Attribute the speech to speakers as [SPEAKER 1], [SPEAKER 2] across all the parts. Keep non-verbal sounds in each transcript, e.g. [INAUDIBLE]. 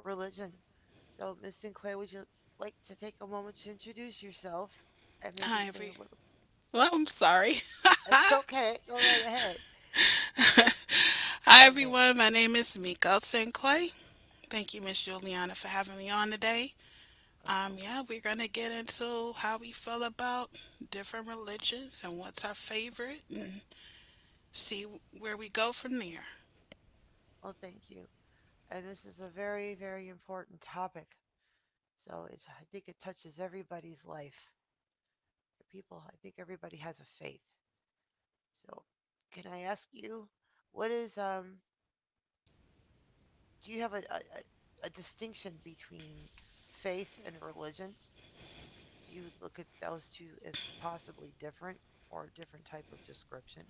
[SPEAKER 1] religion. So, Miss Sinque, would you like to take a moment to introduce yourself and maybe say a little? It's okay. Go right ahead. Go right ahead. Of course. Well, thank you. And this is a very, very important topic. So, I think it touches everybody's life. I think everybody has a faith. So, can I ask you, what is do you have a distinction between faith and religion? Do you look at those two as possibly different or a different type of description?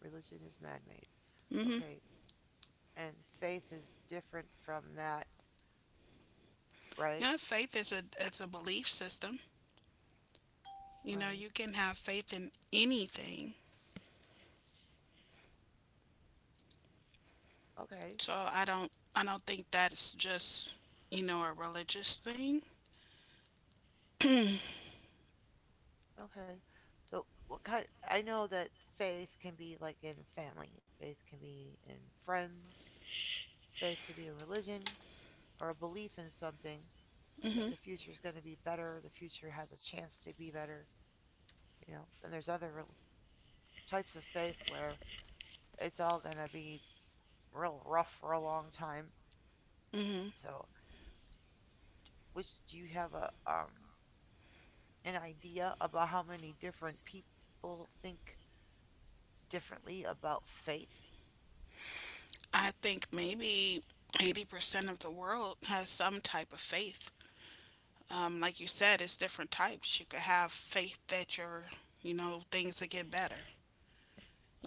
[SPEAKER 1] Religion is man made. Okay. And faith is different from that, right? Right. Okay. Okay. So, what kind? Of, I know that faith can be like in family, faith can be in friends, faith can be a religion or a belief in something that the future is going to be better, the future has a chance to be better, you know, then there's other types of faith where it's all gonna be real rough for a long time. So, which do you have a an idea about how many different people think differently about faith?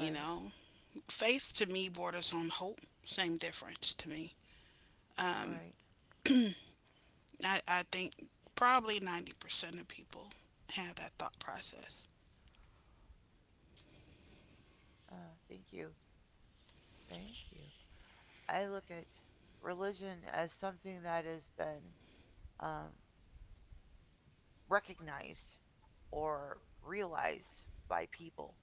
[SPEAKER 1] Right, right. Thank you, thank you. I look at religion as something that has been um, recognized or realized by people,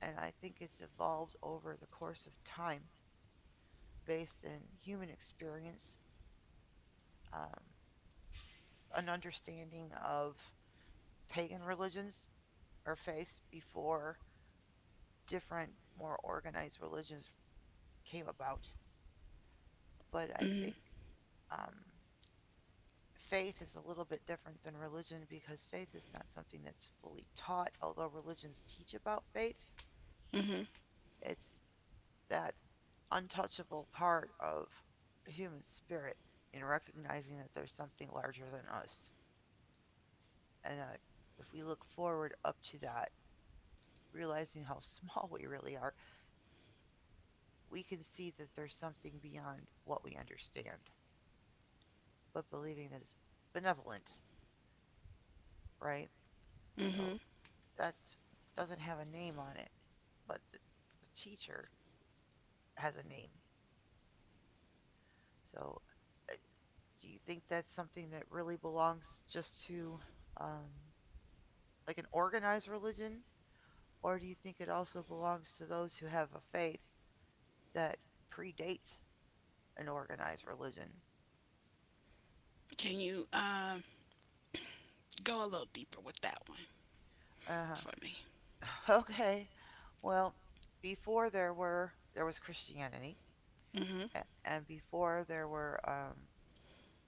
[SPEAKER 1] and I think it's evolved over the course of time, based in human experience, um, an understanding of pagan religions or faiths before different, more organized religions came about. But I think um, faith is a little bit different than religion because faith is not something that's fully taught, although religions teach about faith. It's that untouchable part of human spirit in recognizing that there's something larger than us. And if we look forward up to that, realizing how [LAUGHS] small we really are, we can see that there's something beyond what we understand, but believing that it's benevolent, right? So that doesn't have a name on it, but the teacher has a name. So uh, do you think that's something that really belongs just to um, like an organized religion, or do you think it also belongs to those who have a faith that predates an organized religion? Uh huh. [LAUGHS] Okay. Well, before there was Christianity, and before there were um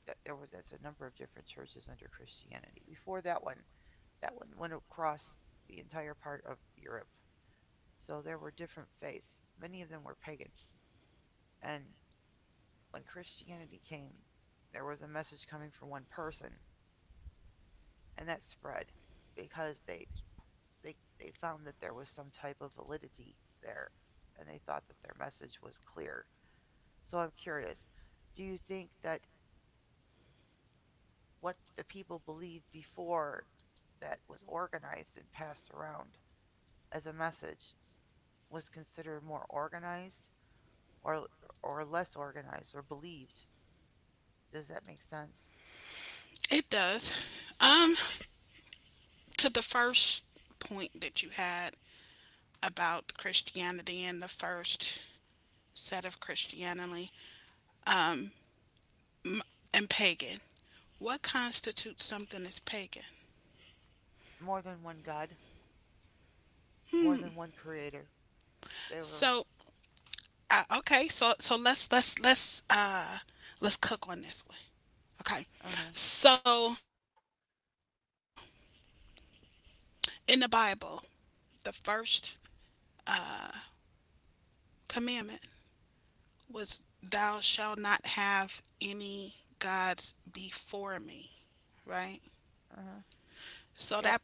[SPEAKER 1] th- there was that's a number of different churches under Christianity. Before that one went across the entire part of Europe. So there were different faiths. Many of them were pagan, and when Christianity came, there was a message coming from one person, and that spread because they they found that there was some type of validity there, and they thought that their message was clear. So I'm curious, do you think that what the people believed before that was organized and passed around as a message was considered more organized or less organized or believed? Does that make sense? More than one God, more than one creator. They were uh-huh, uh-huh. Yep.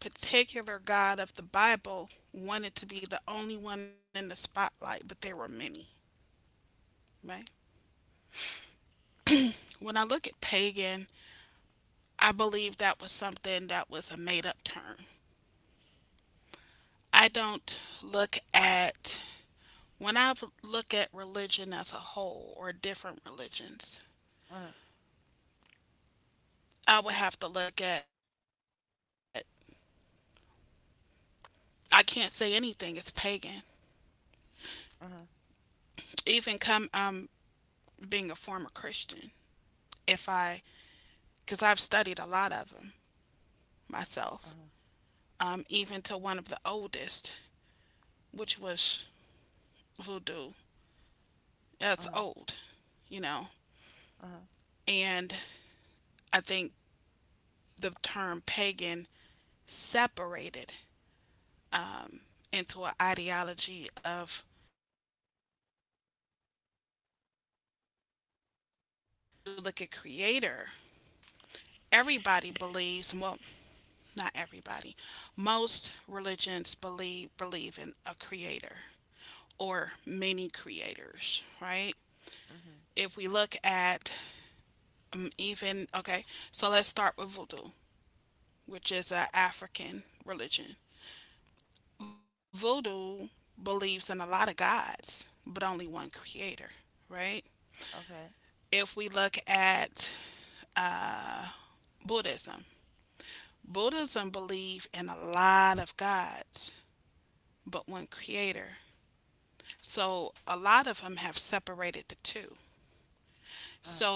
[SPEAKER 1] Uh-huh. Uh-huh. Uh-huh. Uh-huh. Uh-huh. Mhm. Okay. Uh-huh.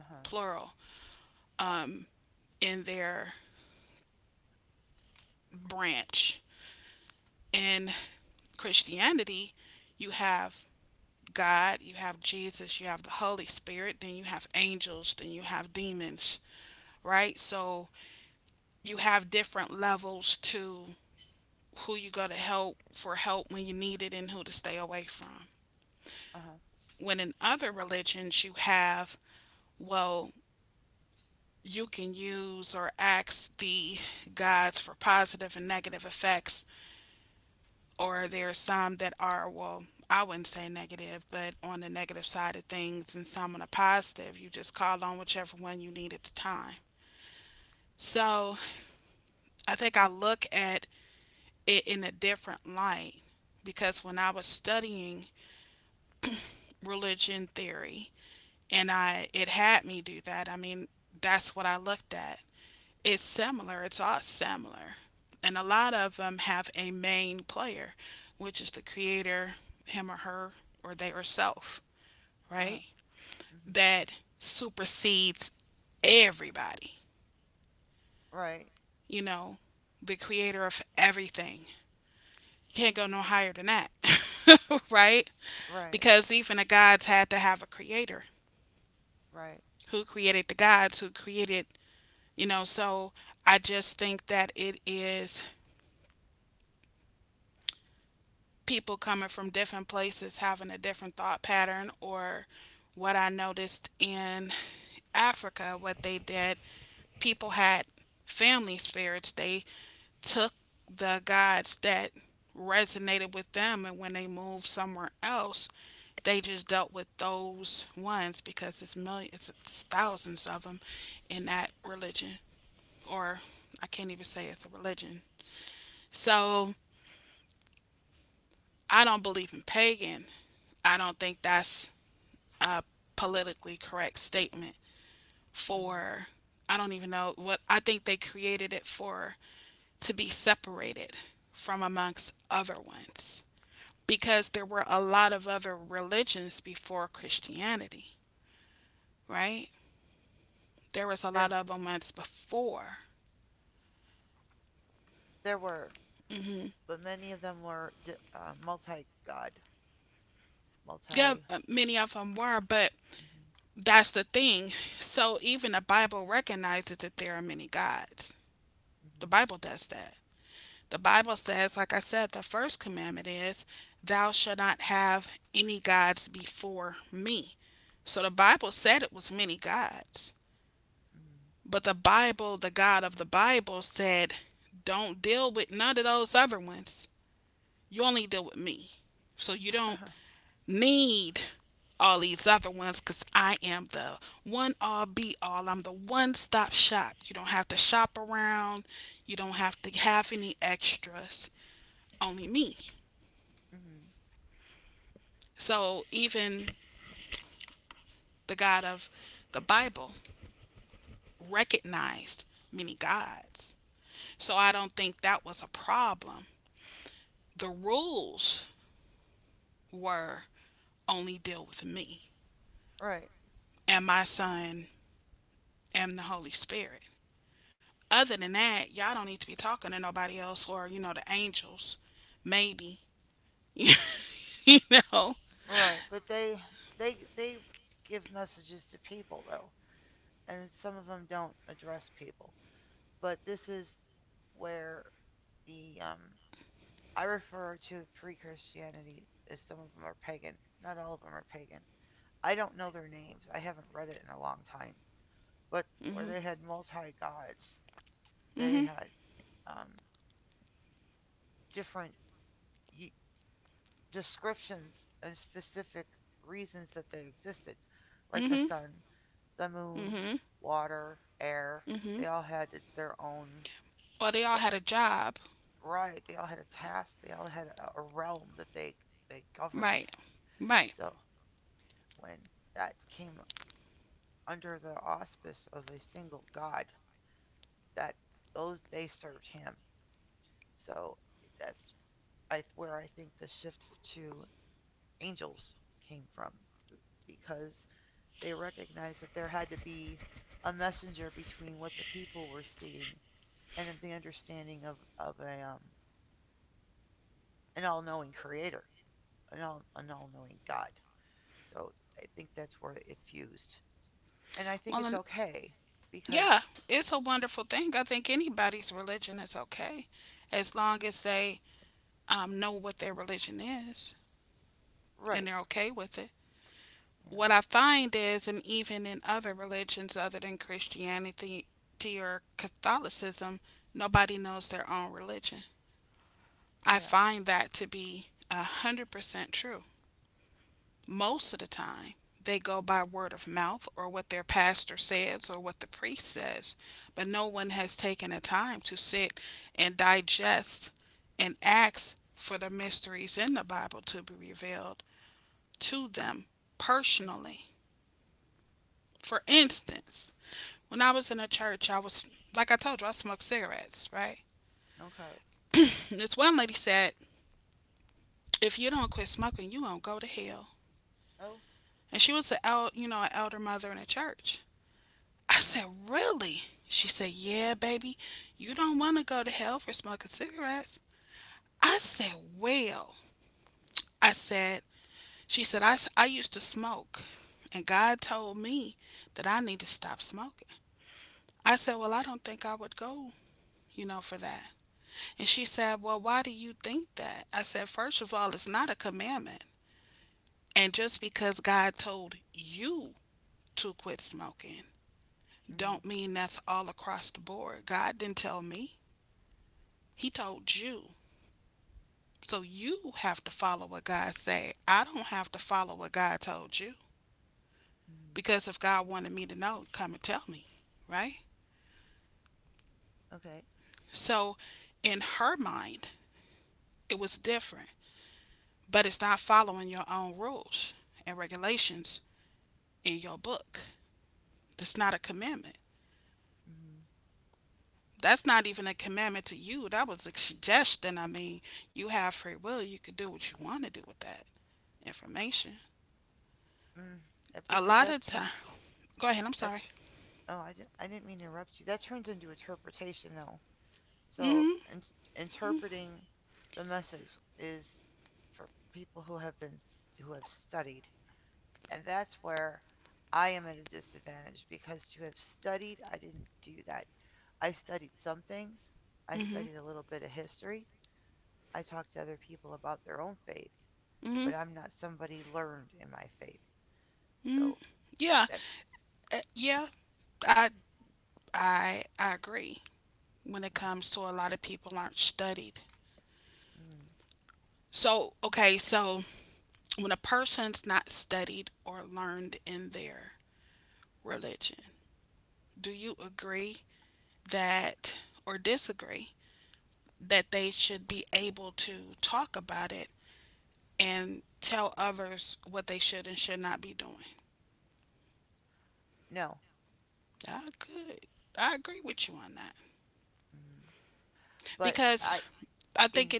[SPEAKER 1] Uh-huh. Uh-huh. Uh-huh. Hmm. Right. Right. Right. Hmm. There there were, but many of them were multi-god, multi hmm hmm hmm [LAUGHS] hmm Right. Right, but they give messages to people though, and some of them don't address people. But this is where the I refer to pre-Christianity as some of them are pagan. Not all of them are pagan, I don't know their names. I haven't read it in a long time. But where they had multi gods, they had um, different descriptions and specific reasons that they existed, like the sun, the moon, water, air. They all had their own right. They all had a task. They all had a realm that they governed. So when that came under the auspice of a single god, that those they served him. So that's I where I think the shift to angels came from because they recognized that there had to be a messenger between what the people were seeing and the understanding of a an all-knowing creator, an all-knowing God. So I think that's where it fused, and I think it's okay because right, yeah, yeah, okay, oh, okay, mhm, mhm, okay, mm mhm, mm, that because that turn That oh, I didn't mean to interrupt you. That turns into interpretation, though. So interpreting the message is for people who have been who have studied, and that's where I am at a disadvantage because to have studied, I didn't do that. I studied some things. I studied a little bit of history. I talked to other people about their own faith, but I'm not somebody learned in my faith. So that's okay. Mm, no. Mm. But I in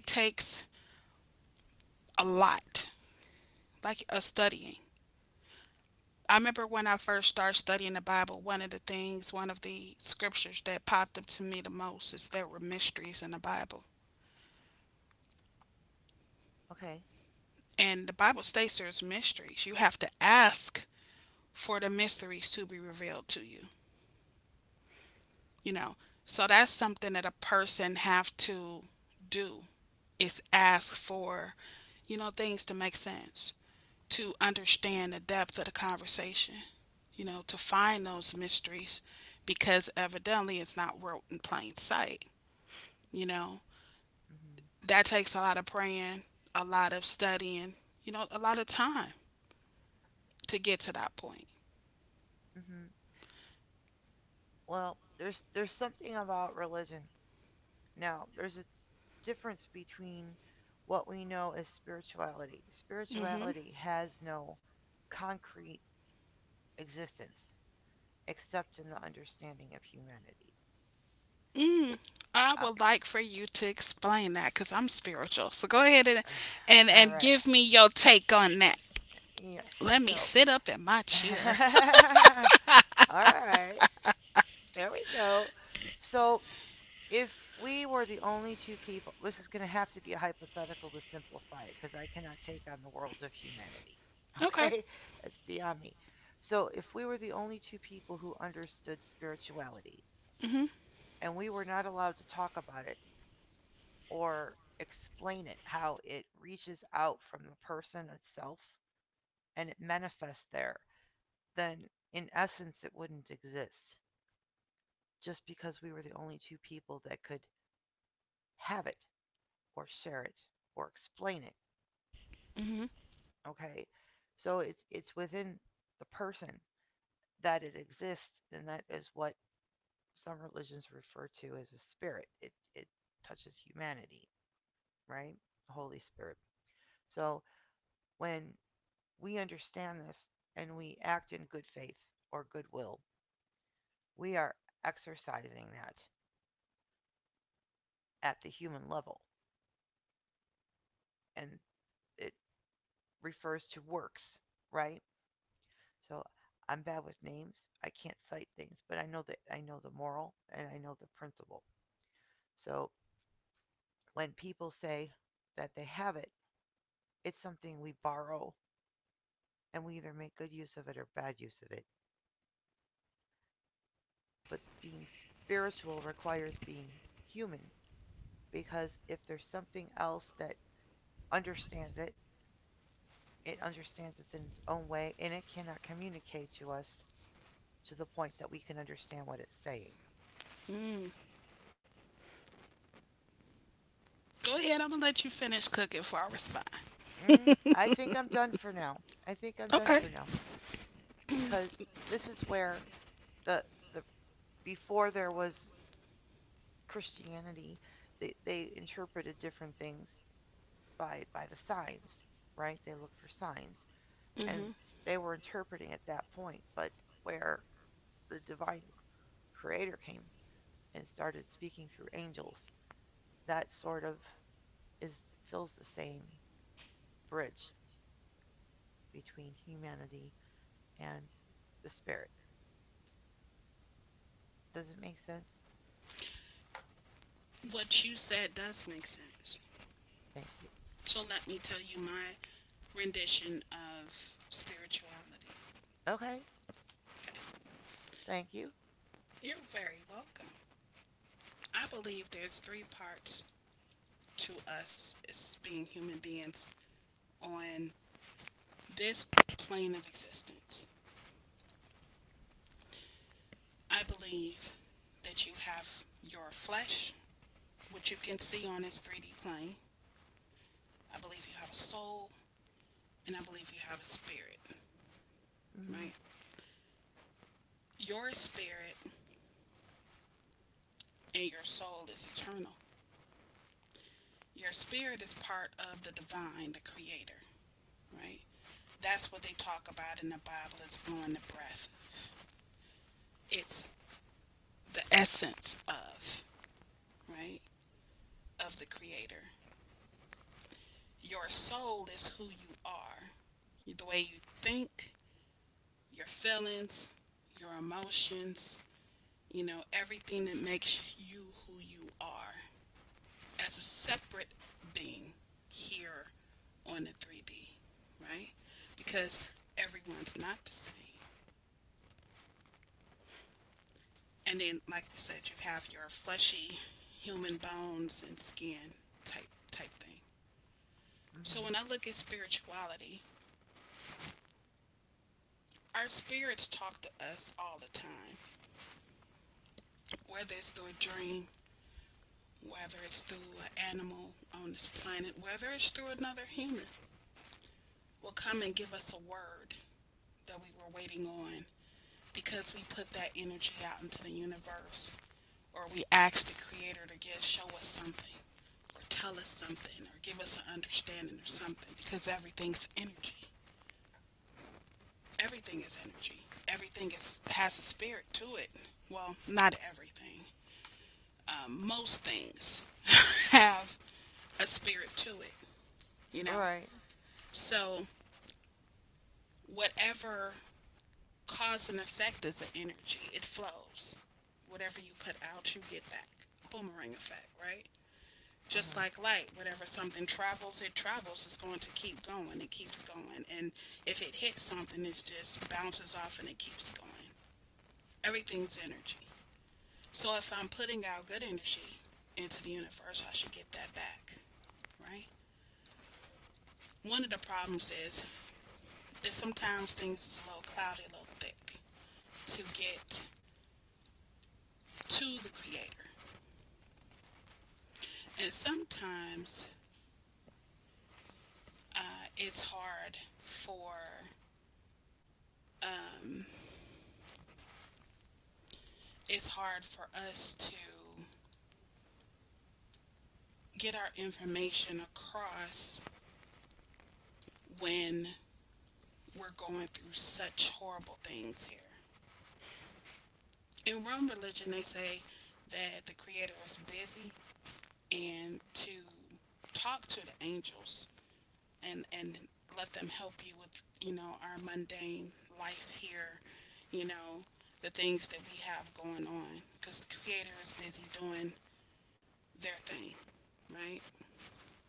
[SPEAKER 1] okay. Mhm. Mhm. Well, there's something about religion. Now, there's a difference between what we know as spirituality. Spirituality has no concrete existence except in the understanding of humanity. It, out. [SIGHS] All right. Yes. So. [LAUGHS] All right. There we go. So if we were the only two people, this is going to have to be a hypothetical to simplify it because I cannot take on the world of humanity. [LAUGHS] Okay? That's beyond me. So, if we were the only two people who understood spirituality and we were not allowed to talk about it or explain it, how it reaches out from the person itself and it manifests there, then in essence it wouldn't exist just because we were the only two people that could have it or share it or explain it. Okay. So it's within the person that it exists, and that is what some religions refer to as a spirit. It touches humanity, right? The Holy Spirit. So when we understand this and we act in good faith or goodwill, we are exercising that at the human level. And it refers to works, right? So I'm bad with names. I can't cite things, but I know that I know the moral and I know the principle. So when people say that they have it, it's something we borrow and we either make good use of it or bad use of it. But being spiritual requires being human because if there's something else that understands it, it understands it in its own way and it cannot communicate to us to the point that we can understand what it's saying. Mm, I think I'm done for now. I think I'm done for now because this is where the the before there was Christianity, they interpreted different things by the signs, right? They look for signs, and they were interpreting at that point. But where the divine creator came and started speaking through angels, that sort of is fills the same bridge between humanity and the spirit. Does it make sense? Thank you. Okay. Thank you. Mm-hmm. Mm-hmm. All right. Uh-huh.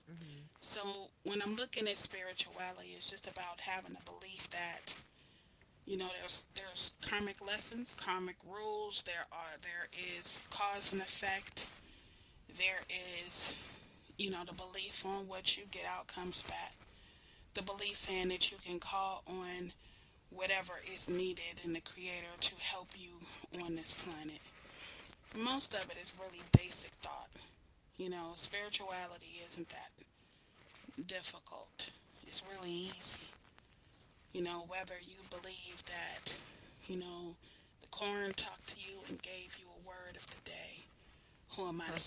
[SPEAKER 1] Mm-hmm. Huh.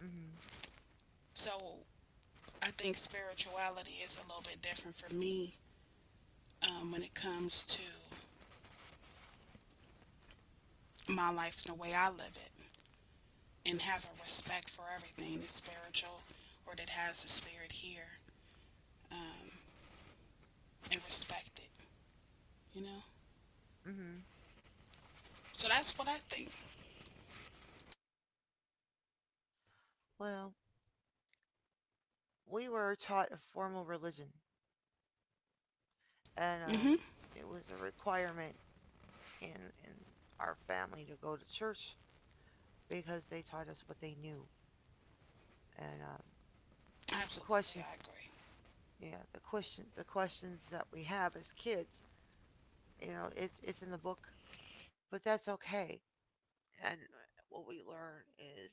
[SPEAKER 1] Mm-hmm. Mm-hmm. Well, we were taught a formal religion, and it was a requirement in our family to go to church because they taught us what they knew, and the questions, yeah, the questions that we have as kids, you know, it's in the book, but that's okay. And what we learn is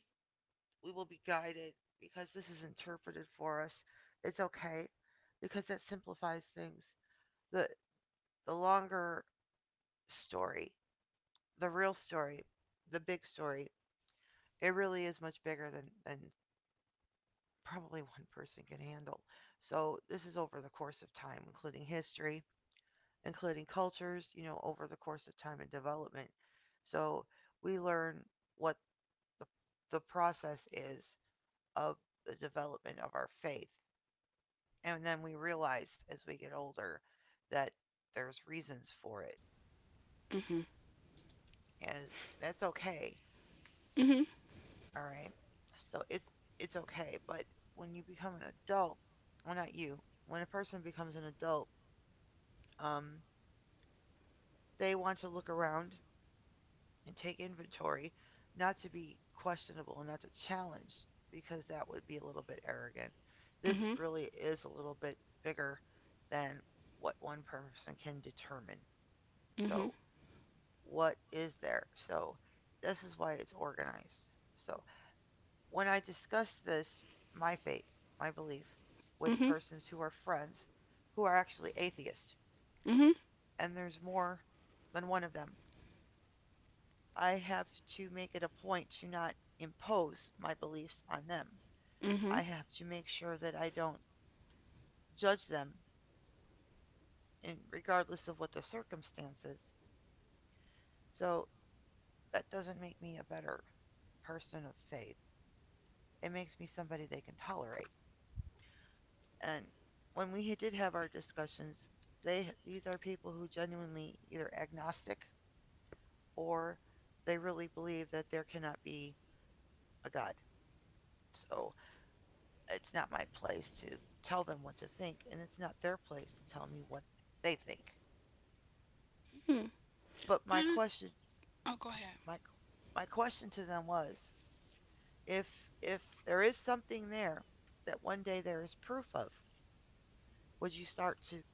[SPEAKER 1] we will be guided because this is interpreted for us. It's okay because that simplifies things. the The longer story the real story, the big story, it really is much bigger than probably [LAUGHS] one person can handle. So this is over the course of time, including history, including cultures, you know, over the course of time and development. So we learn what the, the process is of the development of our faith. And then we realize as we get older that there's reasons for it. And that's okay. All right. So it's okay, but when you become an adult, well not you, when a person becomes an adult, um they want to look around and take inventory, not to be questionable and not to challenge because that would be a little bit arrogant. This really is a little bit bigger than what one person can determine. So, what is there? So, this is why it's organized. So, when I discuss this, my faith, my belief, with persons who are friends, who are actually atheists, and there's more than one of them, I have to make it a point to not impose my beliefs on them. I have to make sure that I don't judge them, in, regardless of what the circumstances. So that doesn't make me a better person of faith. It makes me somebody they can tolerate. And when we did have our discussions, they these are people who genuinely either agnostic or they really believe that there cannot be a god. So it's not my place to tell them what to think, and it's not their place to tell me what they think. But my my question to them was, if if there is something there that one day there is proof of, would you start to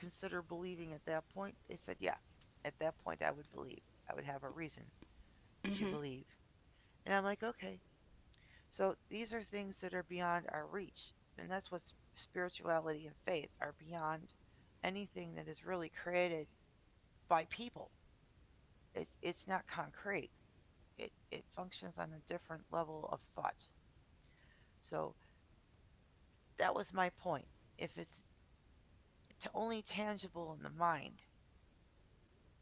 [SPEAKER 1] consider believing at that point? They said, yeah. At that point, I would believe. I would have a reason to believe. And I'm like, okay. So these are things that are beyond our reach. And that's what spirituality and faith are beyond anything that is really created by people. It's not concrete. It functions on a different level of thought. So that was my point. If it's only tangible in the mind,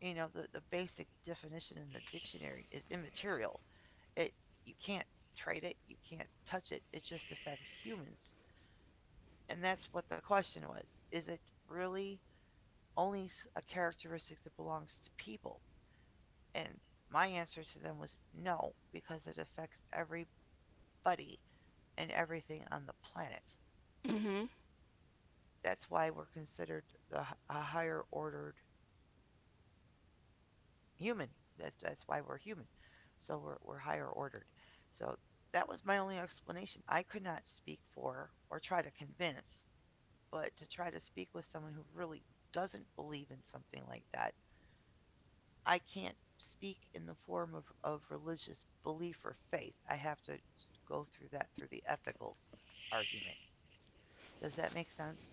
[SPEAKER 1] you know, the basic definition in the dictionary is immaterial, it, you can't trade it, you can't touch it, it just affects humans. And that's what the question was: is it really only a characteristic that belongs to people? And my answer to them was no, because it affects everybody and everything on the planet. That's why we're considered a higher ordered human. That's why we're human. So we're higher ordered. So that was my only explanation. I could not speak for or try to convince, but to try to speak with someone who really doesn't believe in something like that, I can't speak in the form of religious belief or faith. I have to go through that through the ethical argument. Does that make sense?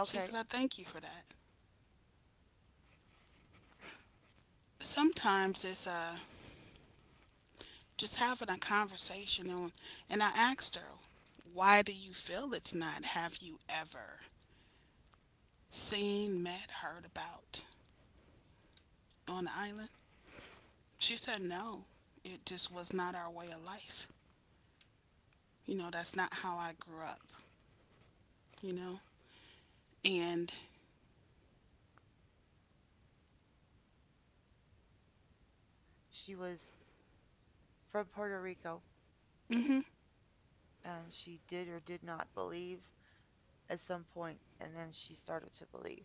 [SPEAKER 1] Okay, she was from Puerto Rico and she did or did not believe at some point, and then she started to believe.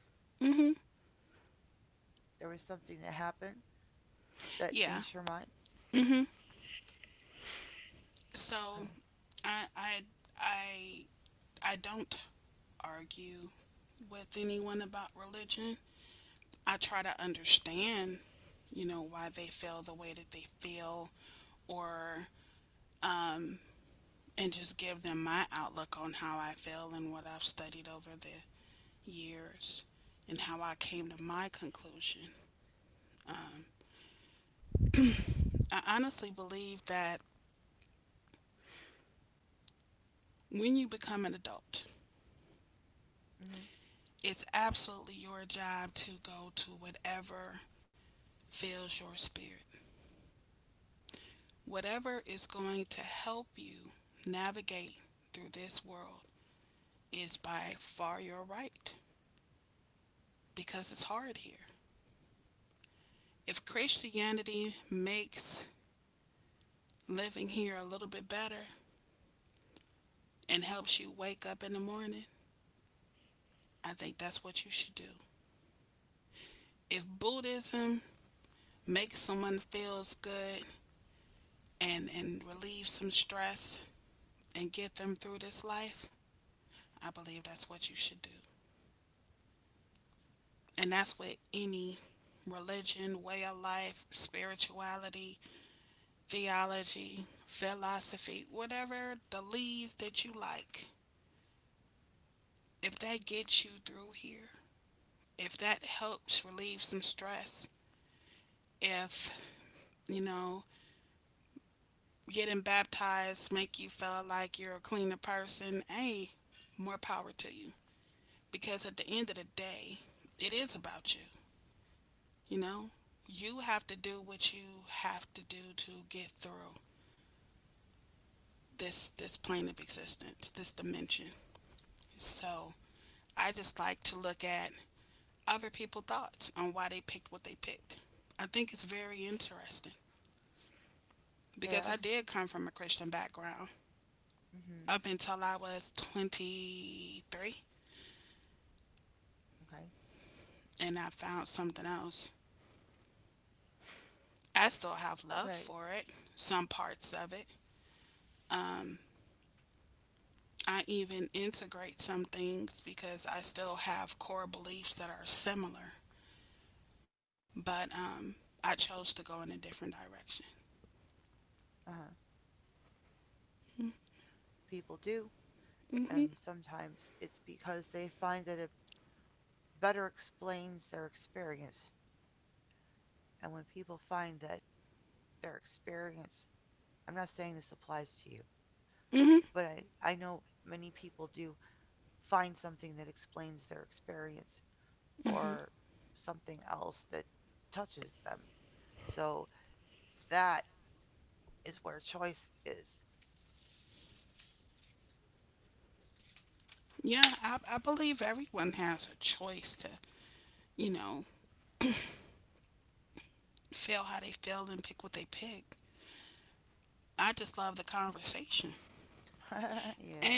[SPEAKER 1] There was something that happened that changed her mind. Okay. Mhm. Yes. Mhm. Okay. Okay. Uh-huh. People do, and sometimes it's because they find that it better explains their experience. And when people find that their experience, I'm not saying this applies to you, but I know many people do find something that explains their experience or something else that touches them. So that is where choice is. [LAUGHS] Yeah.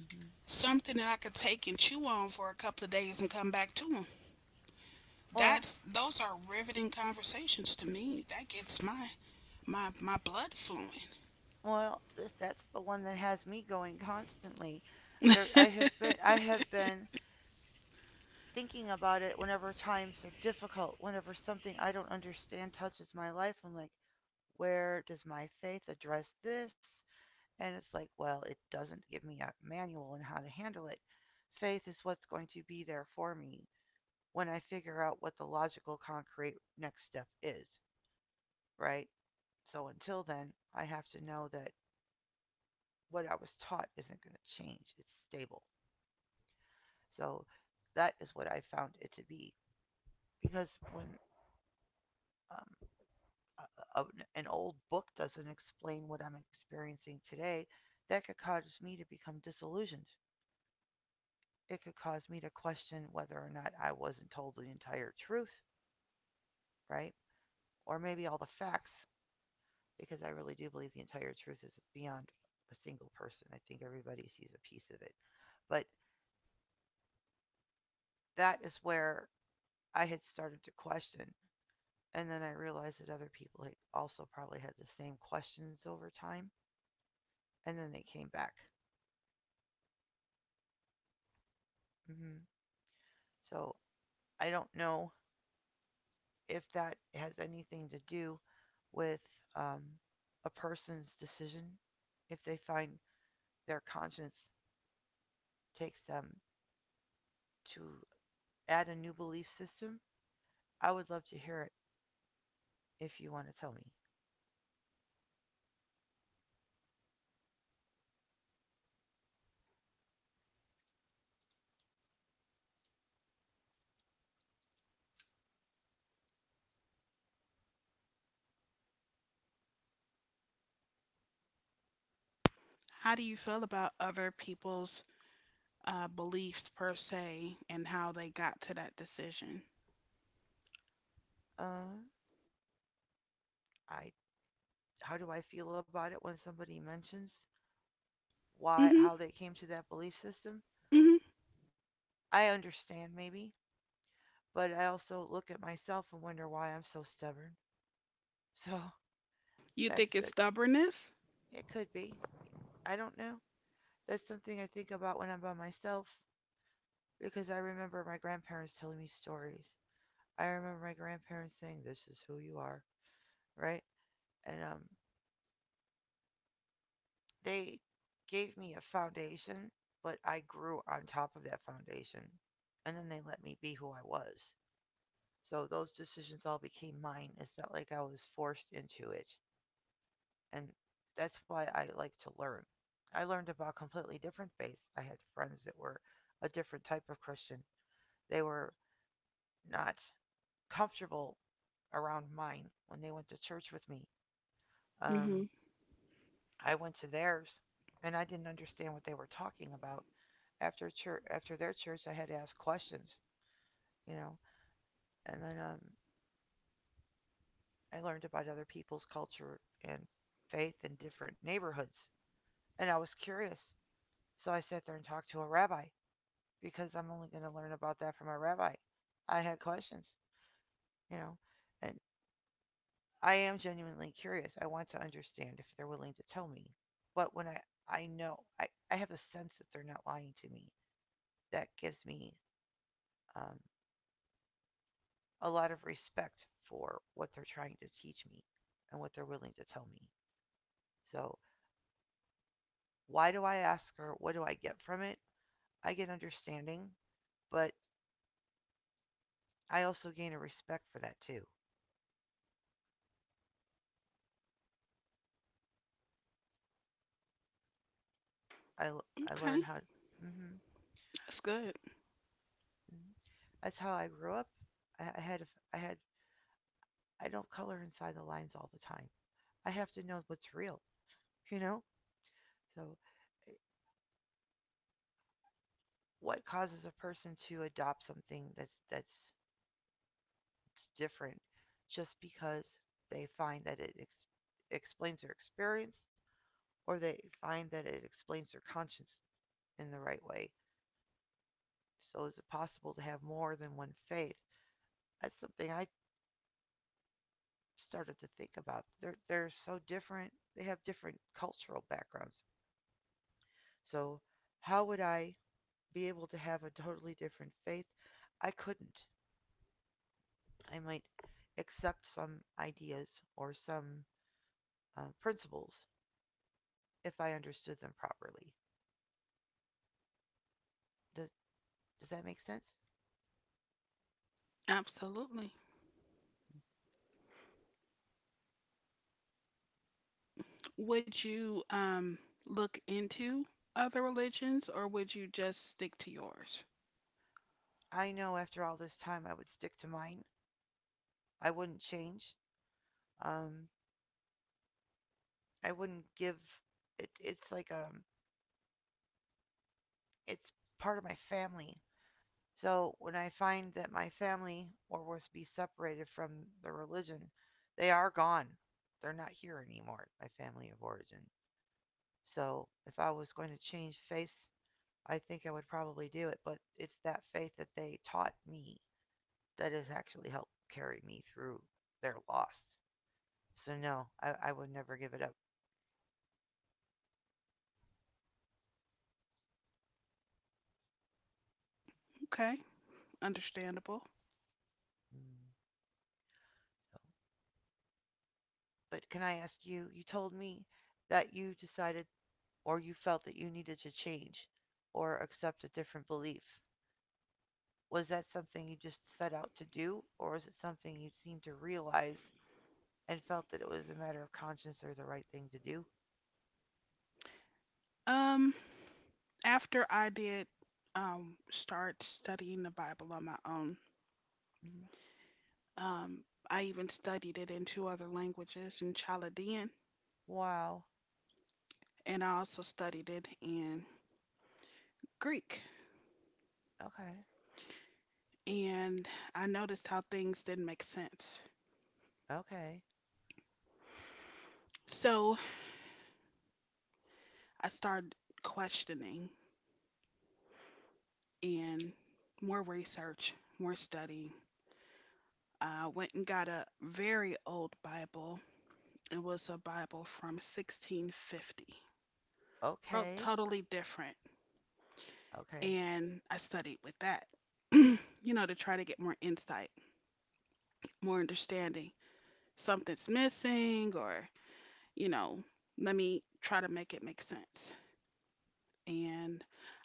[SPEAKER 1] Hmm. Well, well, that's the one that has me going constantly. There, I have been thinking about it whenever times are difficult, whenever something I don't understand touches my life. I'm like, where does my faith address this? And it's like, well, it doesn't give me a manual on how to handle it. Faith is what's going to be there for me when I figure out what the logical, concrete next step is, right? So until then, I have to know that what I was taught isn't going to change. It's stable. So that is what I found it to be. Because when um, a, a, an old book doesn't explain what I'm experiencing today, that could cause me to become disillusioned. It could cause me to question whether or not I wasn't told the entire truth, right? Or maybe all the facts, because I really do believe the entire truth is beyond a single person. I think everybody sees a piece of it. But that is where I had started to question. And then I realized that other people had also probably had the same questions over time. And then they came back. Hmm. So I don't know if that has anything to do with um, a person's decision. If they find their conscience takes them to add a new belief system, I would love to hear it if you want to tell me.
[SPEAKER 2] How do you feel about other people's beliefs per se and how they got to that decision?
[SPEAKER 1] Uh, I How do I feel about it when somebody mentions why
[SPEAKER 2] Hmm.
[SPEAKER 1] how they came to that belief system?
[SPEAKER 2] Hmm.
[SPEAKER 1] I understand, maybe, but I also look at myself and wonder why I'm so stubborn. [LAUGHS] So
[SPEAKER 2] You
[SPEAKER 1] that's
[SPEAKER 2] think
[SPEAKER 1] the.
[SPEAKER 2] it's stubbornness?
[SPEAKER 1] It could be. I don't know. That's something I think about when I'm by myself because I remember my grandparents telling me stories. I remember my grandparents saying, "This is who you are," right? And they gave me a foundation, but I grew on top of that foundation, and then they let me be who I was. So those decisions all became mine. It's not like I was forced into it. And that's why I like to learn. I learned about completely different faiths. I had friends that were a different type of Christian. They were not comfortable around mine when they went to church with me.
[SPEAKER 2] Hmm.
[SPEAKER 1] Um, I went to theirs, and I didn't understand what they were talking about. After church, after their church, I had to ask questions, you know. And then I learned about other people's culture and faith in different neighborhoods, and I was curious. So I sat there and talked to a rabbi, because I'm only going to learn about that from a rabbi. I had questions, you know, and I am genuinely curious. I want to understand if they're willing to tell me. But I know, I have a sense that they're not lying to me. That gives me um, a lot of respect for what they're trying to teach me and what they're willing to tell me. So, why do I ask her? What do I get from it? I get understanding, but I also gain a respect for that too. I
[SPEAKER 2] Okay,
[SPEAKER 1] learn how. Hmm.
[SPEAKER 2] that's
[SPEAKER 1] So.
[SPEAKER 2] good.
[SPEAKER 1] Mm-hmm. That's how I grew up. I I had I had I don't color inside the lines all the time. I have to know what's real, you know? So eh, what causes a person to adopt something that's different just because they find that it explains their experience or they find that it explains their conscience in the right way? So is it possible to have more than one faith? That's something I started to think about. They're so different. They have different cultural backgrounds. So how would I be able to have a totally different faith? I couldn't. I might accept some ideas or some principles if I understood them properly. Does does that make sense?
[SPEAKER 2] Absolutely. Would you look into other religions or would you just stick to yours?
[SPEAKER 1] I know after all this time I would stick to mine. I wouldn't change. Um, I wouldn't give. It's like, it's part of my family. So when I find that my family or was be separated from the religion, they are gone. They're not here anymore, my family of origin. So if I was going to change faith, I think I would probably do it. But it's that faith that they taught me that has actually helped carry me through their loss. So no, I would never give it up.
[SPEAKER 2] Okay, understandable.
[SPEAKER 1] Mm. So. But can I ask you? You told me that you decided or you felt that you needed to change or accept a different belief. Was that something you just set out to do, or was it something you seemed to realize and felt that it was a matter of conscience or the right thing to do?
[SPEAKER 2] Um, After I did start studying the Bible on my own,
[SPEAKER 1] Mhm.
[SPEAKER 2] um, I even studied it in two other languages in Chaldean.
[SPEAKER 1] Wow.
[SPEAKER 2] And I also studied it in Greek.
[SPEAKER 1] Okay.
[SPEAKER 2] And I noticed how things didn't make sense.
[SPEAKER 1] Okay.
[SPEAKER 2] So I started questioning and more research, more study. I went and got a very old Bible. It was a Bible from 1650. Wrote
[SPEAKER 1] Okay.
[SPEAKER 2] totally different.
[SPEAKER 1] Okay.
[SPEAKER 2] And I studied with that, [CLEARS THROAT] you to try to get more insight, more understanding. Something's missing or you know, let me try to make it make sense. And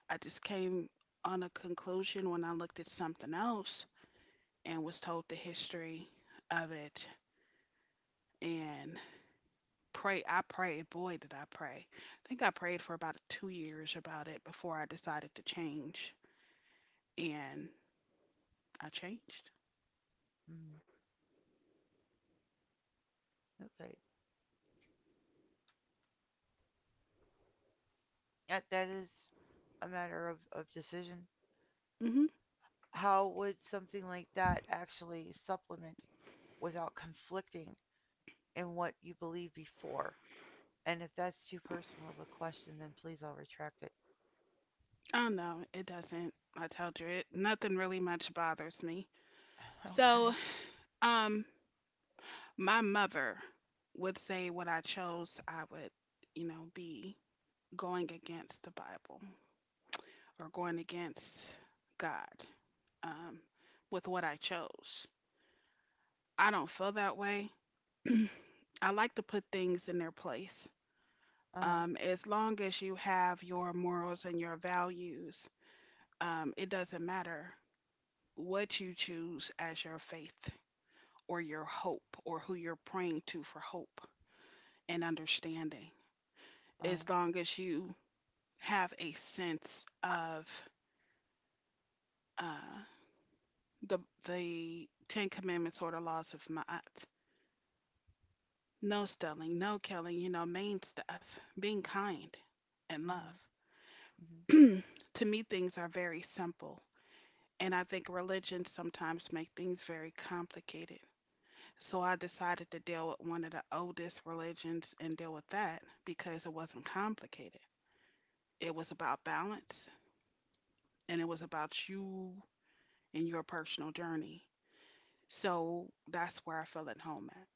[SPEAKER 2] I just came on a conclusion when I looked at something else and was told the history of it and pray I prayed, boy did I pray. I think I prayed for about 2 years about it before I decided to change, and I changed.
[SPEAKER 1] Mhm. Okay. That is a matter of decision.
[SPEAKER 2] Hmm.
[SPEAKER 1] How would something like that actually supplement without conflicting in what you believed before? And if that's too personal of a question, then please I'll retract it.
[SPEAKER 2] Oh no, it doesn't. I told you it nothing really much bothers me.
[SPEAKER 1] [LAUGHS] Okay.
[SPEAKER 2] So, um my mother would say what I chose, I would, you know, be going against the Bible or going against God, um, with what I chose. I don't feel that way. [CLEARS THROAT] I like to put things in their place.
[SPEAKER 1] Uh huh.
[SPEAKER 2] As long as you have your morals and your values, it doesn't matter what you choose as your faith or your hope or who you're praying to for hope and understanding.
[SPEAKER 1] Uh
[SPEAKER 2] As long as you have a sense of uh, the the Ten Commandments or the laws of Ma'at. No stealing, no killing, you know, main stuff. Being kind and
[SPEAKER 1] huh.
[SPEAKER 2] love.
[SPEAKER 1] Mhm.
[SPEAKER 2] [CLEARS THROAT] To me, things are very simple, and I think religions sometimes make things very complicated. So I decided to deal with one of the oldest religions and deal with that because it wasn't complicated. It was about balance, and it was about you and your personal journey. So that's where I feel at home at.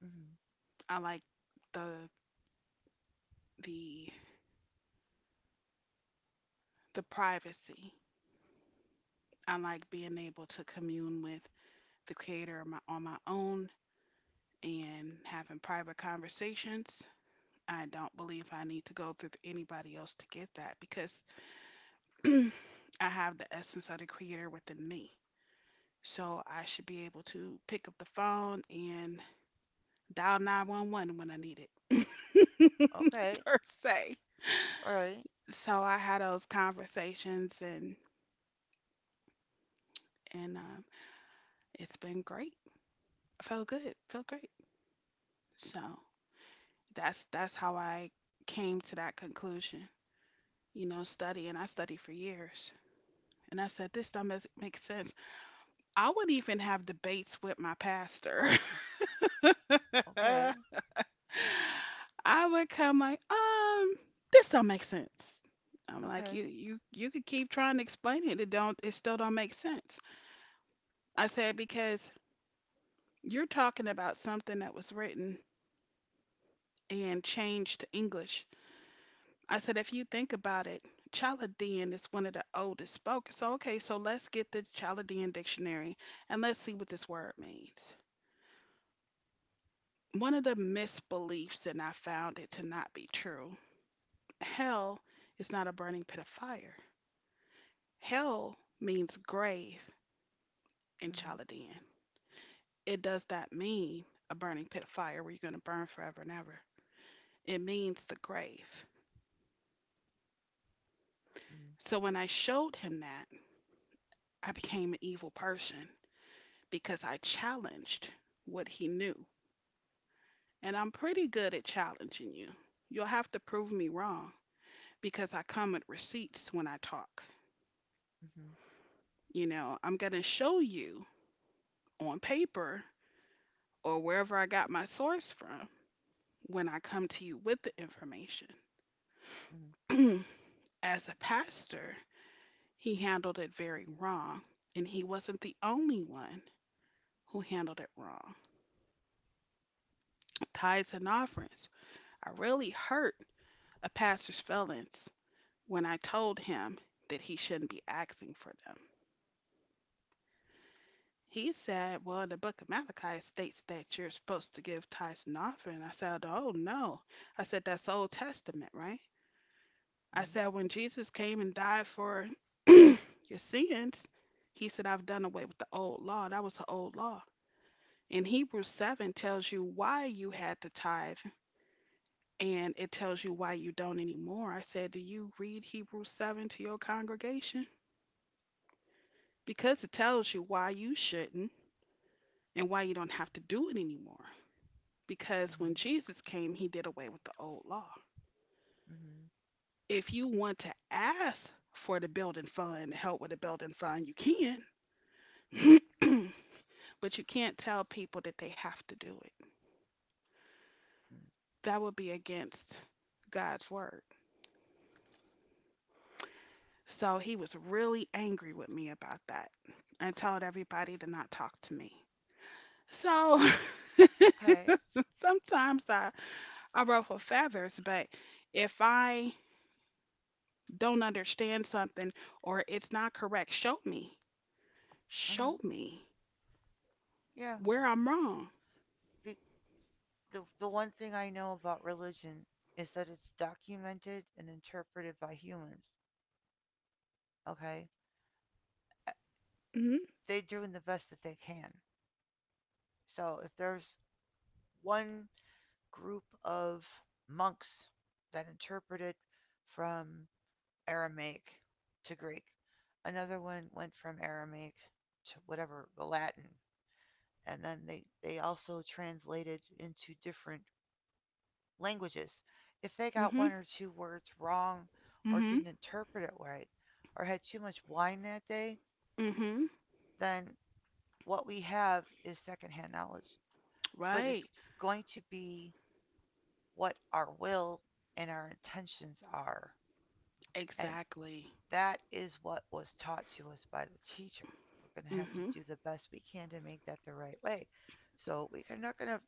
[SPEAKER 1] Mhm.
[SPEAKER 2] I like the the the privacy. I like being able to commune with the creator on on my own and having private conversations. I don't believe I need to go through anybody else to get that because [CLEARS THROAT] I have the essence of the creator within me. So I should be able to pick up the phone and dial 911 when I need it, [LAUGHS]
[SPEAKER 1] Okay.
[SPEAKER 2] per se.
[SPEAKER 1] All right.
[SPEAKER 2] So I had those conversations and and um, it's been great. I felt good. Felt great. So that's how I came to that conclusion. You know, study and I studied for years. And I said, this don't make sense. I would even have debates with my pastor.
[SPEAKER 1] Okay.
[SPEAKER 2] [LAUGHS] I would come like, this don't make sense. I'm like, you
[SPEAKER 1] Okay.
[SPEAKER 2] you you could keep trying to explain it. It don't it still don't make sense. I said because you're talking about something that was written and changed to English. I said, if you think about it, Chaldean is one of the oldest spoken. So, okay, so let's get the Chaldean dictionary and let's see what this word means. One of the misbeliefs, and I found it to not be true, hell is not a burning pit of fire. Hell means grave in
[SPEAKER 1] Mhm.
[SPEAKER 2] Chaldean. It does not mean a burning pit of fire where you're going to burn forever and ever. It means the grave.
[SPEAKER 1] Mhm.
[SPEAKER 2] So when I showed him that, I became an evil person because I challenged what he knew. And I'm pretty good at challenging you. You'll have to prove me wrong because I come with receipts when I talk.
[SPEAKER 1] Mhm.
[SPEAKER 2] You know, I'm going to show you on paper or wherever I got my source from when I come to you with the information.
[SPEAKER 1] Mhm.
[SPEAKER 2] [CLEARS THROAT] As a pastor, he handled it very wrong, and he wasn't the only one who handled it wrong. Tithes and offerings. I really hurt a pastor's feelings when I told him that he shouldn't be asking for them. He said, "Well, in the book of Malachi, it states that you're supposed to give tithes and offering." I said, "Oh, no." I said, "That's Old Testament, right? I
[SPEAKER 1] Mhm.
[SPEAKER 2] said, when Jesus came and died for [CLEARS THROAT] your sins, he said, I've done away with the old law. That was the old law. And Hebrews 7 tells you why you had to tithe, and it tells you why you don't anymore." I said, "Do you read Hebrews 7 to your congregation? Because it tells you why you shouldn't and why you don't have to do it anymore. Because
[SPEAKER 1] Mhm.
[SPEAKER 2] when Jesus came, he did away with the old law.
[SPEAKER 1] Mhm.
[SPEAKER 2] If you want to ask for the building fund, help with the building fund, you can, [CLEARS THROAT] but you can't tell people that they have to do it.
[SPEAKER 1] Mhm.
[SPEAKER 2] That would be against God's word." So he was really angry with me about that and told everybody to not talk to me. So [LAUGHS]
[SPEAKER 1] Okay.
[SPEAKER 2] sometimes I ruffle feathers, but if I don't understand something or it's not correct, show me. Show
[SPEAKER 1] Mhm.
[SPEAKER 2] me
[SPEAKER 1] Yeah.
[SPEAKER 2] where I'm wrong.
[SPEAKER 1] The, the one thing I know about religion is that it's documented and interpreted by humans. Okay. Uh,
[SPEAKER 2] Mm-hmm.
[SPEAKER 1] They're doing the best that they can. So if there's one group of monks that interpret it from Aramaic to Greek. Another one went from Aramaic to whatever the Latin, and then they also translated into different languages. If they got one
[SPEAKER 2] Mm-hmm.
[SPEAKER 1] or two words wrong, or
[SPEAKER 2] Mm-hmm.
[SPEAKER 1] didn't interpret it right, or had too much wine that day,
[SPEAKER 2] Mm-hmm.
[SPEAKER 1] then what we have is secondhand knowledge. But it's
[SPEAKER 2] Right.
[SPEAKER 1] going to be what our will and our intentions are. And
[SPEAKER 2] Exactly.
[SPEAKER 1] that is what was taught to us by the teacher. We're going to have to
[SPEAKER 2] Mm-hmm.
[SPEAKER 1] do the best we can to make that the right way. So we're not going to,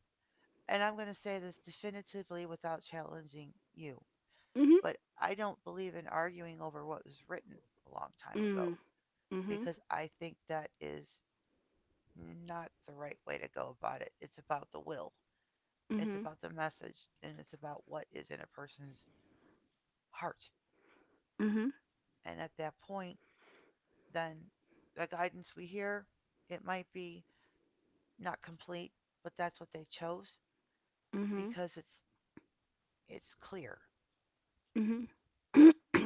[SPEAKER 1] and I'm going to say this definitively without challenging you,
[SPEAKER 2] Mm-hmm.
[SPEAKER 1] but I don't believe in arguing over what was written a long time ago
[SPEAKER 2] Mm. Mm-hmm. Mm.
[SPEAKER 1] because I think that is not the right way to go about it. It's about the will, it's
[SPEAKER 2] Hmm.
[SPEAKER 1] about the message, and it's about what is in a person's heart.
[SPEAKER 2] Mm-hmm.
[SPEAKER 1] And at that point, then the guidance we hear, it might be not complete, but that's what they chose
[SPEAKER 2] Mm-hmm.
[SPEAKER 1] because it's clear.
[SPEAKER 2] Mm-hmm. [CLEARS THROAT]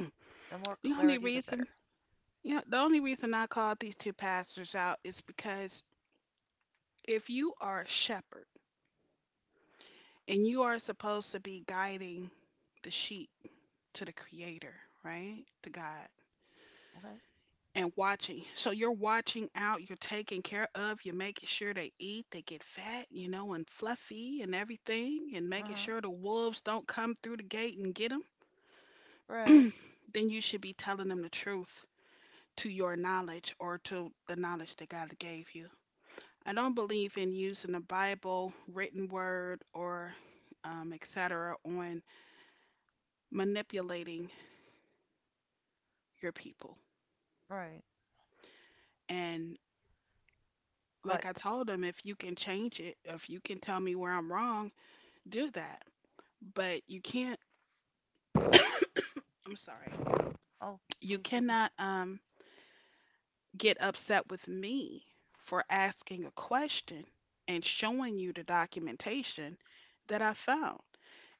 [SPEAKER 1] The more
[SPEAKER 2] The only
[SPEAKER 1] clarity, the better.
[SPEAKER 2] reason, yeah, the only reason I called these two pastors out is because if you are a shepherd, and you are supposed to be guiding the sheep to the creator, right? To God.
[SPEAKER 1] Okay.
[SPEAKER 2] And watching. So you're watching out, you're taking care of, you're making sure they eat, they get fat, you know, and fluffy and everything, and
[SPEAKER 1] Uh
[SPEAKER 2] making
[SPEAKER 1] huh.
[SPEAKER 2] sure the wolves don't come through the gate and get them. [CLEARS THROAT]
[SPEAKER 1] Right.
[SPEAKER 2] Then you should be telling them the truth to your knowledge or to the knowledge that God gave you. I don't believe in using the Bible, written word, or et cetera, on manipulating your people.
[SPEAKER 1] Right.
[SPEAKER 2] And
[SPEAKER 1] But
[SPEAKER 2] like I told them, if you can change it, if you can tell me where I'm wrong, do that. But you can't, I'm sorry,
[SPEAKER 1] oh,
[SPEAKER 2] you
[SPEAKER 1] please take it.
[SPEAKER 2] cannot get upset with me for asking a question and showing you the documentation that I found.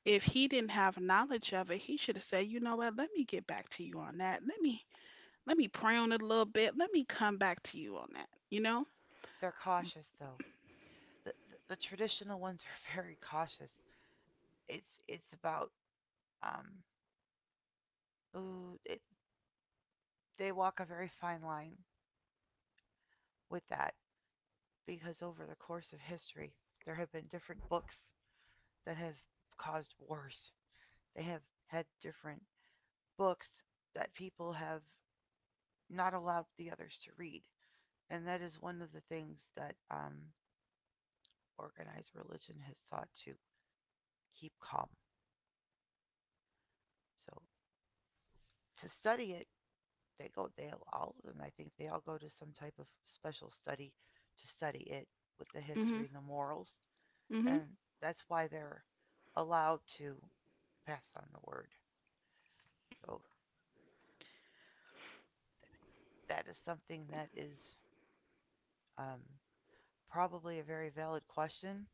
[SPEAKER 2] If he didn't have knowledge of it, he should have said, you know what, let me get back to you on that. Let me pray on it a little bit. Let me come back to you on that. You know?
[SPEAKER 1] They're cautious though. The traditional ones are [LAUGHS] very cautious. It's about, um ooh it, they walk a very fine line with that because over the course of history there have been different books that have caused wars. They have had different books that people have not allowed the others to read. And that is one of the things that organized religion has sought to keep calm. So to study it, they go, they all of them, I think they all go to some type of special study to study it with the
[SPEAKER 2] Mm-hmm.
[SPEAKER 1] history and the morals.
[SPEAKER 2] Mm-hmm.
[SPEAKER 1] And that's why they're allowed to pass on the word. So that is something that is um, probably a very valid question,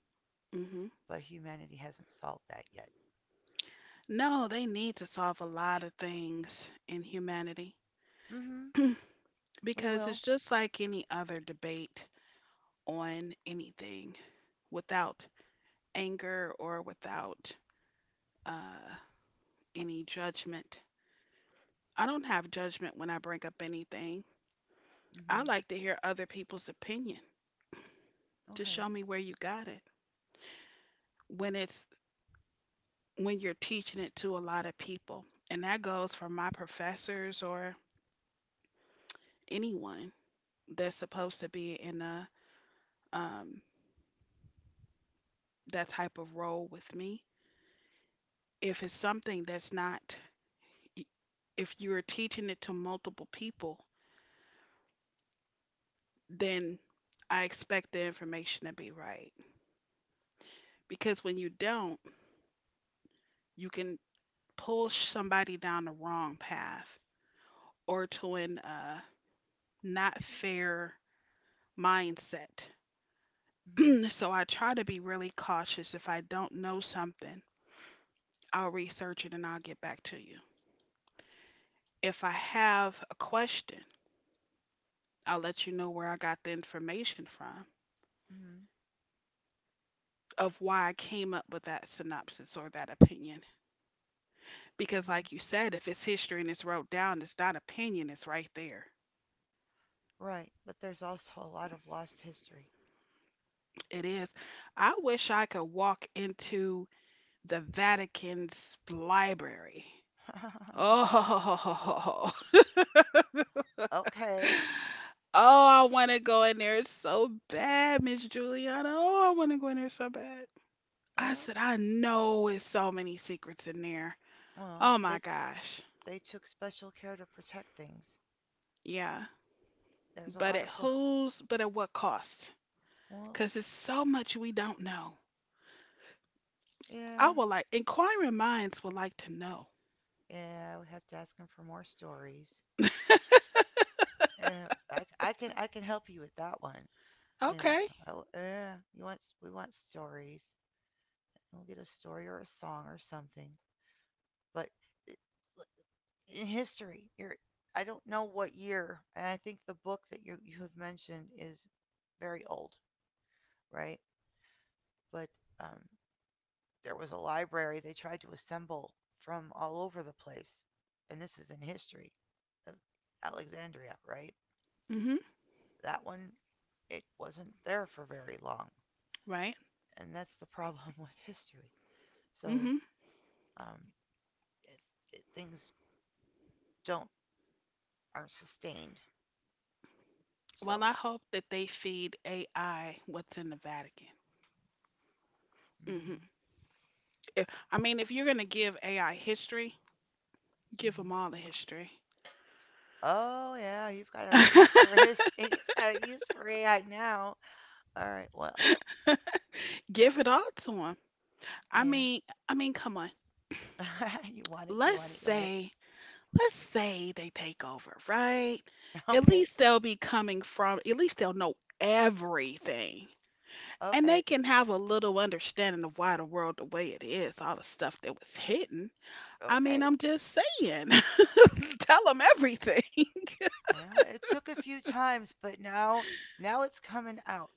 [SPEAKER 2] Mm-hmm.
[SPEAKER 1] but humanity hasn't solved that yet.
[SPEAKER 2] No, they need to solve a lot of things in humanity
[SPEAKER 1] Mm hmm.
[SPEAKER 2] [CLEARS THROAT]
[SPEAKER 1] We
[SPEAKER 2] because
[SPEAKER 1] will.
[SPEAKER 2] it's just like any other debate on anything without anger or without uh, any judgment. I don't have judgment when I bring up anything.
[SPEAKER 1] Mm
[SPEAKER 2] I
[SPEAKER 1] hmm.
[SPEAKER 2] like to hear other people's opinion to show
[SPEAKER 1] Okay.
[SPEAKER 2] me where you got it when it's when you're teaching it to a lot of people. And that goes for my professors or anyone that's supposed to be in a, um, that type of role with me. If it's something that's not, if you're teaching it to multiple people, then I expect the information to be right. Because when you don't, you can pull somebody down the wrong path or to an not fair mindset.
[SPEAKER 1] Mhm.
[SPEAKER 2] So I try to be really cautious. If I don't know something, I'll research it and I'll get back to you. If I have a question, I'll let you know where I got the information from,
[SPEAKER 1] Mhm.
[SPEAKER 2] of why I came up with that synopsis or that opinion. Because,
[SPEAKER 1] Mhm.
[SPEAKER 2] like you said, if it's history and it's wrote down, it's not opinion, it's right there.
[SPEAKER 1] Right, but there's also a lot of lost history.
[SPEAKER 2] It is. I wish I could walk into the Vatican's library. [LAUGHS]
[SPEAKER 1] [LAUGHS]
[SPEAKER 2] Oh, oh,
[SPEAKER 1] Okay.
[SPEAKER 2] I want to go in there so bad, Miss Juliana. Oh, I want to go in there so bad. I
[SPEAKER 1] Well,
[SPEAKER 2] said, I know there's so many secrets in there.
[SPEAKER 1] well,
[SPEAKER 2] Oh my
[SPEAKER 1] they
[SPEAKER 2] gosh.
[SPEAKER 1] they took special care to protect things.
[SPEAKER 2] Yeah.
[SPEAKER 1] There's a lot of pl-
[SPEAKER 2] But at what cost?
[SPEAKER 1] Well,
[SPEAKER 2] Because it's so much we don't know. I
[SPEAKER 1] yeah,
[SPEAKER 2] would like, inquiring minds would like to know.
[SPEAKER 1] yeah. We have to ask them for more stories.
[SPEAKER 2] [LAUGHS]
[SPEAKER 1] Yeah, I can help you with that one. You know,
[SPEAKER 2] Okay.
[SPEAKER 1] I w yeah. We want stories. We'll get a story or a song or something. But it, in history. I don't know what year, and I think the book that you have mentioned is very old, right? But um, there was a library they tried to assemble from all over the place, and this is in history of Alexandria, right?
[SPEAKER 2] Mm-hmm.
[SPEAKER 1] That one, it wasn't there for very long,
[SPEAKER 2] Right.
[SPEAKER 1] and that's the [LAUGHS] problem with history. So
[SPEAKER 2] Mm-hmm.
[SPEAKER 1] um, it, things don't aren't sustained.
[SPEAKER 2] Well,
[SPEAKER 1] So.
[SPEAKER 2] I hope that they feed AI what's in the Vatican. Mm-hmm.
[SPEAKER 1] Hmm.
[SPEAKER 2] If, I mean, if you're gonna give AI history, give them all the history.
[SPEAKER 1] Oh yeah, you've got a use for his,
[SPEAKER 2] [LAUGHS]
[SPEAKER 1] [LAUGHS] you've got a use for AI now. All right, well,
[SPEAKER 2] Give it all to them. I
[SPEAKER 1] yeah.
[SPEAKER 2] mean, I mean, come on.
[SPEAKER 1] [LAUGHS] You want it, you
[SPEAKER 2] Let's
[SPEAKER 1] want it, you want it.
[SPEAKER 2] say, let's say they take over, right?
[SPEAKER 1] [LAUGHS]
[SPEAKER 2] At
[SPEAKER 1] Okay,
[SPEAKER 2] least they'll be coming from. At least they'll know everything. And they
[SPEAKER 1] okay,
[SPEAKER 2] can have a little understanding of why the world the way it is, all the stuff that was hidden. I
[SPEAKER 1] okay.
[SPEAKER 2] mean, I'm just saying, [LAUGHS] tell them everything. [LAUGHS]
[SPEAKER 1] Yeah, it took a few times, but now it's coming out,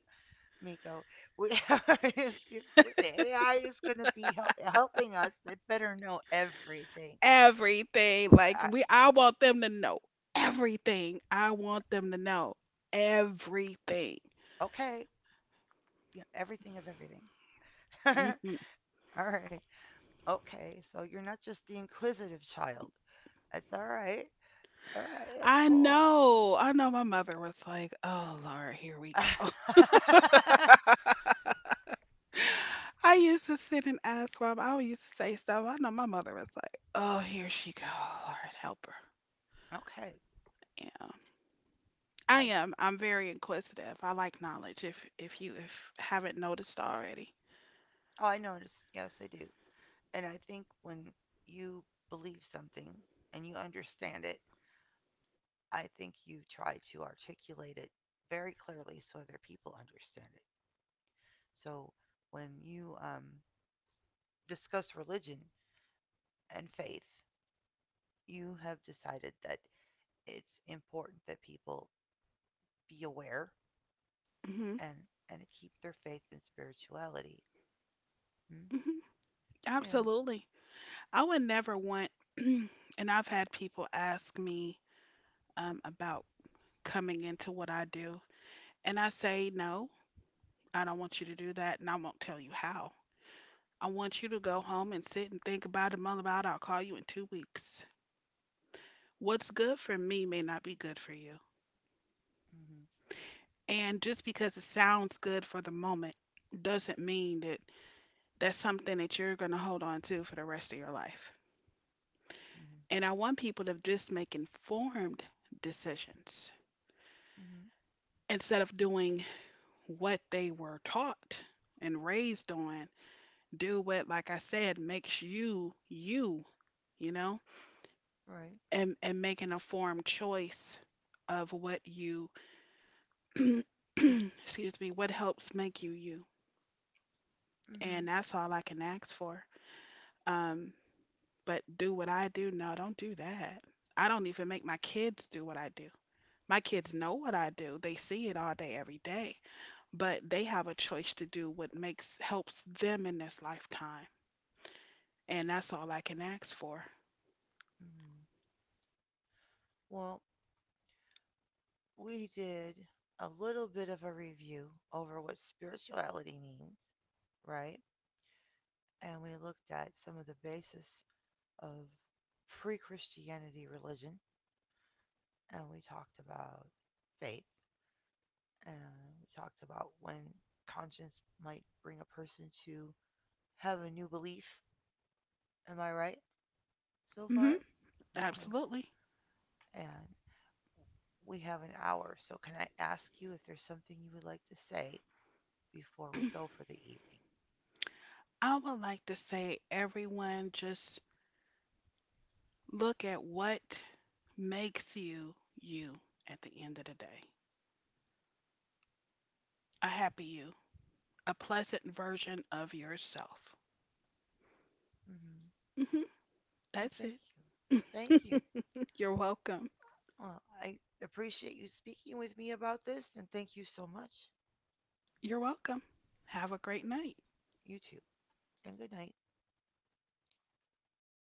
[SPEAKER 1] Miko. We [LAUGHS] if the AI is gonna be helping us. They better know everything.
[SPEAKER 2] Everything.
[SPEAKER 1] I,
[SPEAKER 2] I want them to know everything. I want them to know everything.
[SPEAKER 1] okay, yeah, everything of everything.
[SPEAKER 2] Hmm.
[SPEAKER 1] [LAUGHS] All right, okay. So you're not just the inquisitive child. That's all right. All right, that's
[SPEAKER 2] I
[SPEAKER 1] cool.
[SPEAKER 2] know, I know. My mother was like, "Oh Lord, here we
[SPEAKER 1] [LAUGHS]
[SPEAKER 2] go."
[SPEAKER 1] Okay.
[SPEAKER 2] [LAUGHS] I used to sit and ask mom. I used to say stuff. I know my mother was like, "Oh, here she go. Lord, help her." Yeah. I
[SPEAKER 1] I
[SPEAKER 2] am. I'm very inquisitive. I like knowledge. If you if haven't noticed already.
[SPEAKER 1] oh I noticed. Yes, I do. And I think when you believe something and you understand it, I think you try to articulate it very clearly so other people understand it. So when you discuss religion and faith, you have decided that it's important that people be aware
[SPEAKER 2] Hmm.
[SPEAKER 1] and and keep their faith and spirituality. Mm?
[SPEAKER 2] Hmm.
[SPEAKER 1] Yeah.
[SPEAKER 2] Absolutely. I would never want. [CLEARS THROAT] And I've had people ask me, about coming into what I do, and I say no. I don't want you to do that, and I won't tell you how. I want you to go home and sit and think about it, mull about it. I'll call you in 2 weeks. What's good for me may not be good for you.
[SPEAKER 1] Hmm.
[SPEAKER 2] And just because it sounds good for the moment doesn't mean that that's something that you're going to hold on to for the rest of your life.
[SPEAKER 1] Mm-hmm.
[SPEAKER 2] And I want people to just make informed decisions
[SPEAKER 1] Hmm.
[SPEAKER 2] instead of doing what they were taught and raised on. Do what, like I said, makes you you, you know,
[SPEAKER 1] Right.
[SPEAKER 2] and make an informed choice of what you, [CLEARS THROAT] excuse me, what helps make you you.
[SPEAKER 1] Mm-hmm.
[SPEAKER 2] And that's all I can ask for. Um, but do what I do? No, don't do that. I don't even make my kids do what I do. My
[SPEAKER 1] Mm-hmm.
[SPEAKER 2] kids know what I do. They see it all day, every day, but they have a choice to do what makes helps them in this lifetime. And that's all I can ask for.
[SPEAKER 1] Hmm. Well, we did a little bit of a review over what spirituality means, right? And we looked at some of the basis of pre Christianity religion, and we talked about faith, and we talked about when conscience might bring a person to have a new belief. Am I right so far?
[SPEAKER 2] Hmm.
[SPEAKER 1] Okay.
[SPEAKER 2] Absolutely.
[SPEAKER 1] And we have an hour, so can I ask you if there's something you would like to say before we go for the evening?
[SPEAKER 2] [CLEARS THROAT] I would like to say everyone just look at what makes you you at the end of the day. A happy you, a pleasant version of yourself.
[SPEAKER 1] Hmm.
[SPEAKER 2] Hmm.
[SPEAKER 1] Well,
[SPEAKER 2] That's
[SPEAKER 1] thank you. Thank you.
[SPEAKER 2] it. [LAUGHS] You're welcome.
[SPEAKER 1] Well, I appreciate you speaking with me about this, and thank you so much.
[SPEAKER 2] You're welcome. Have a great night.
[SPEAKER 1] You too. And good night.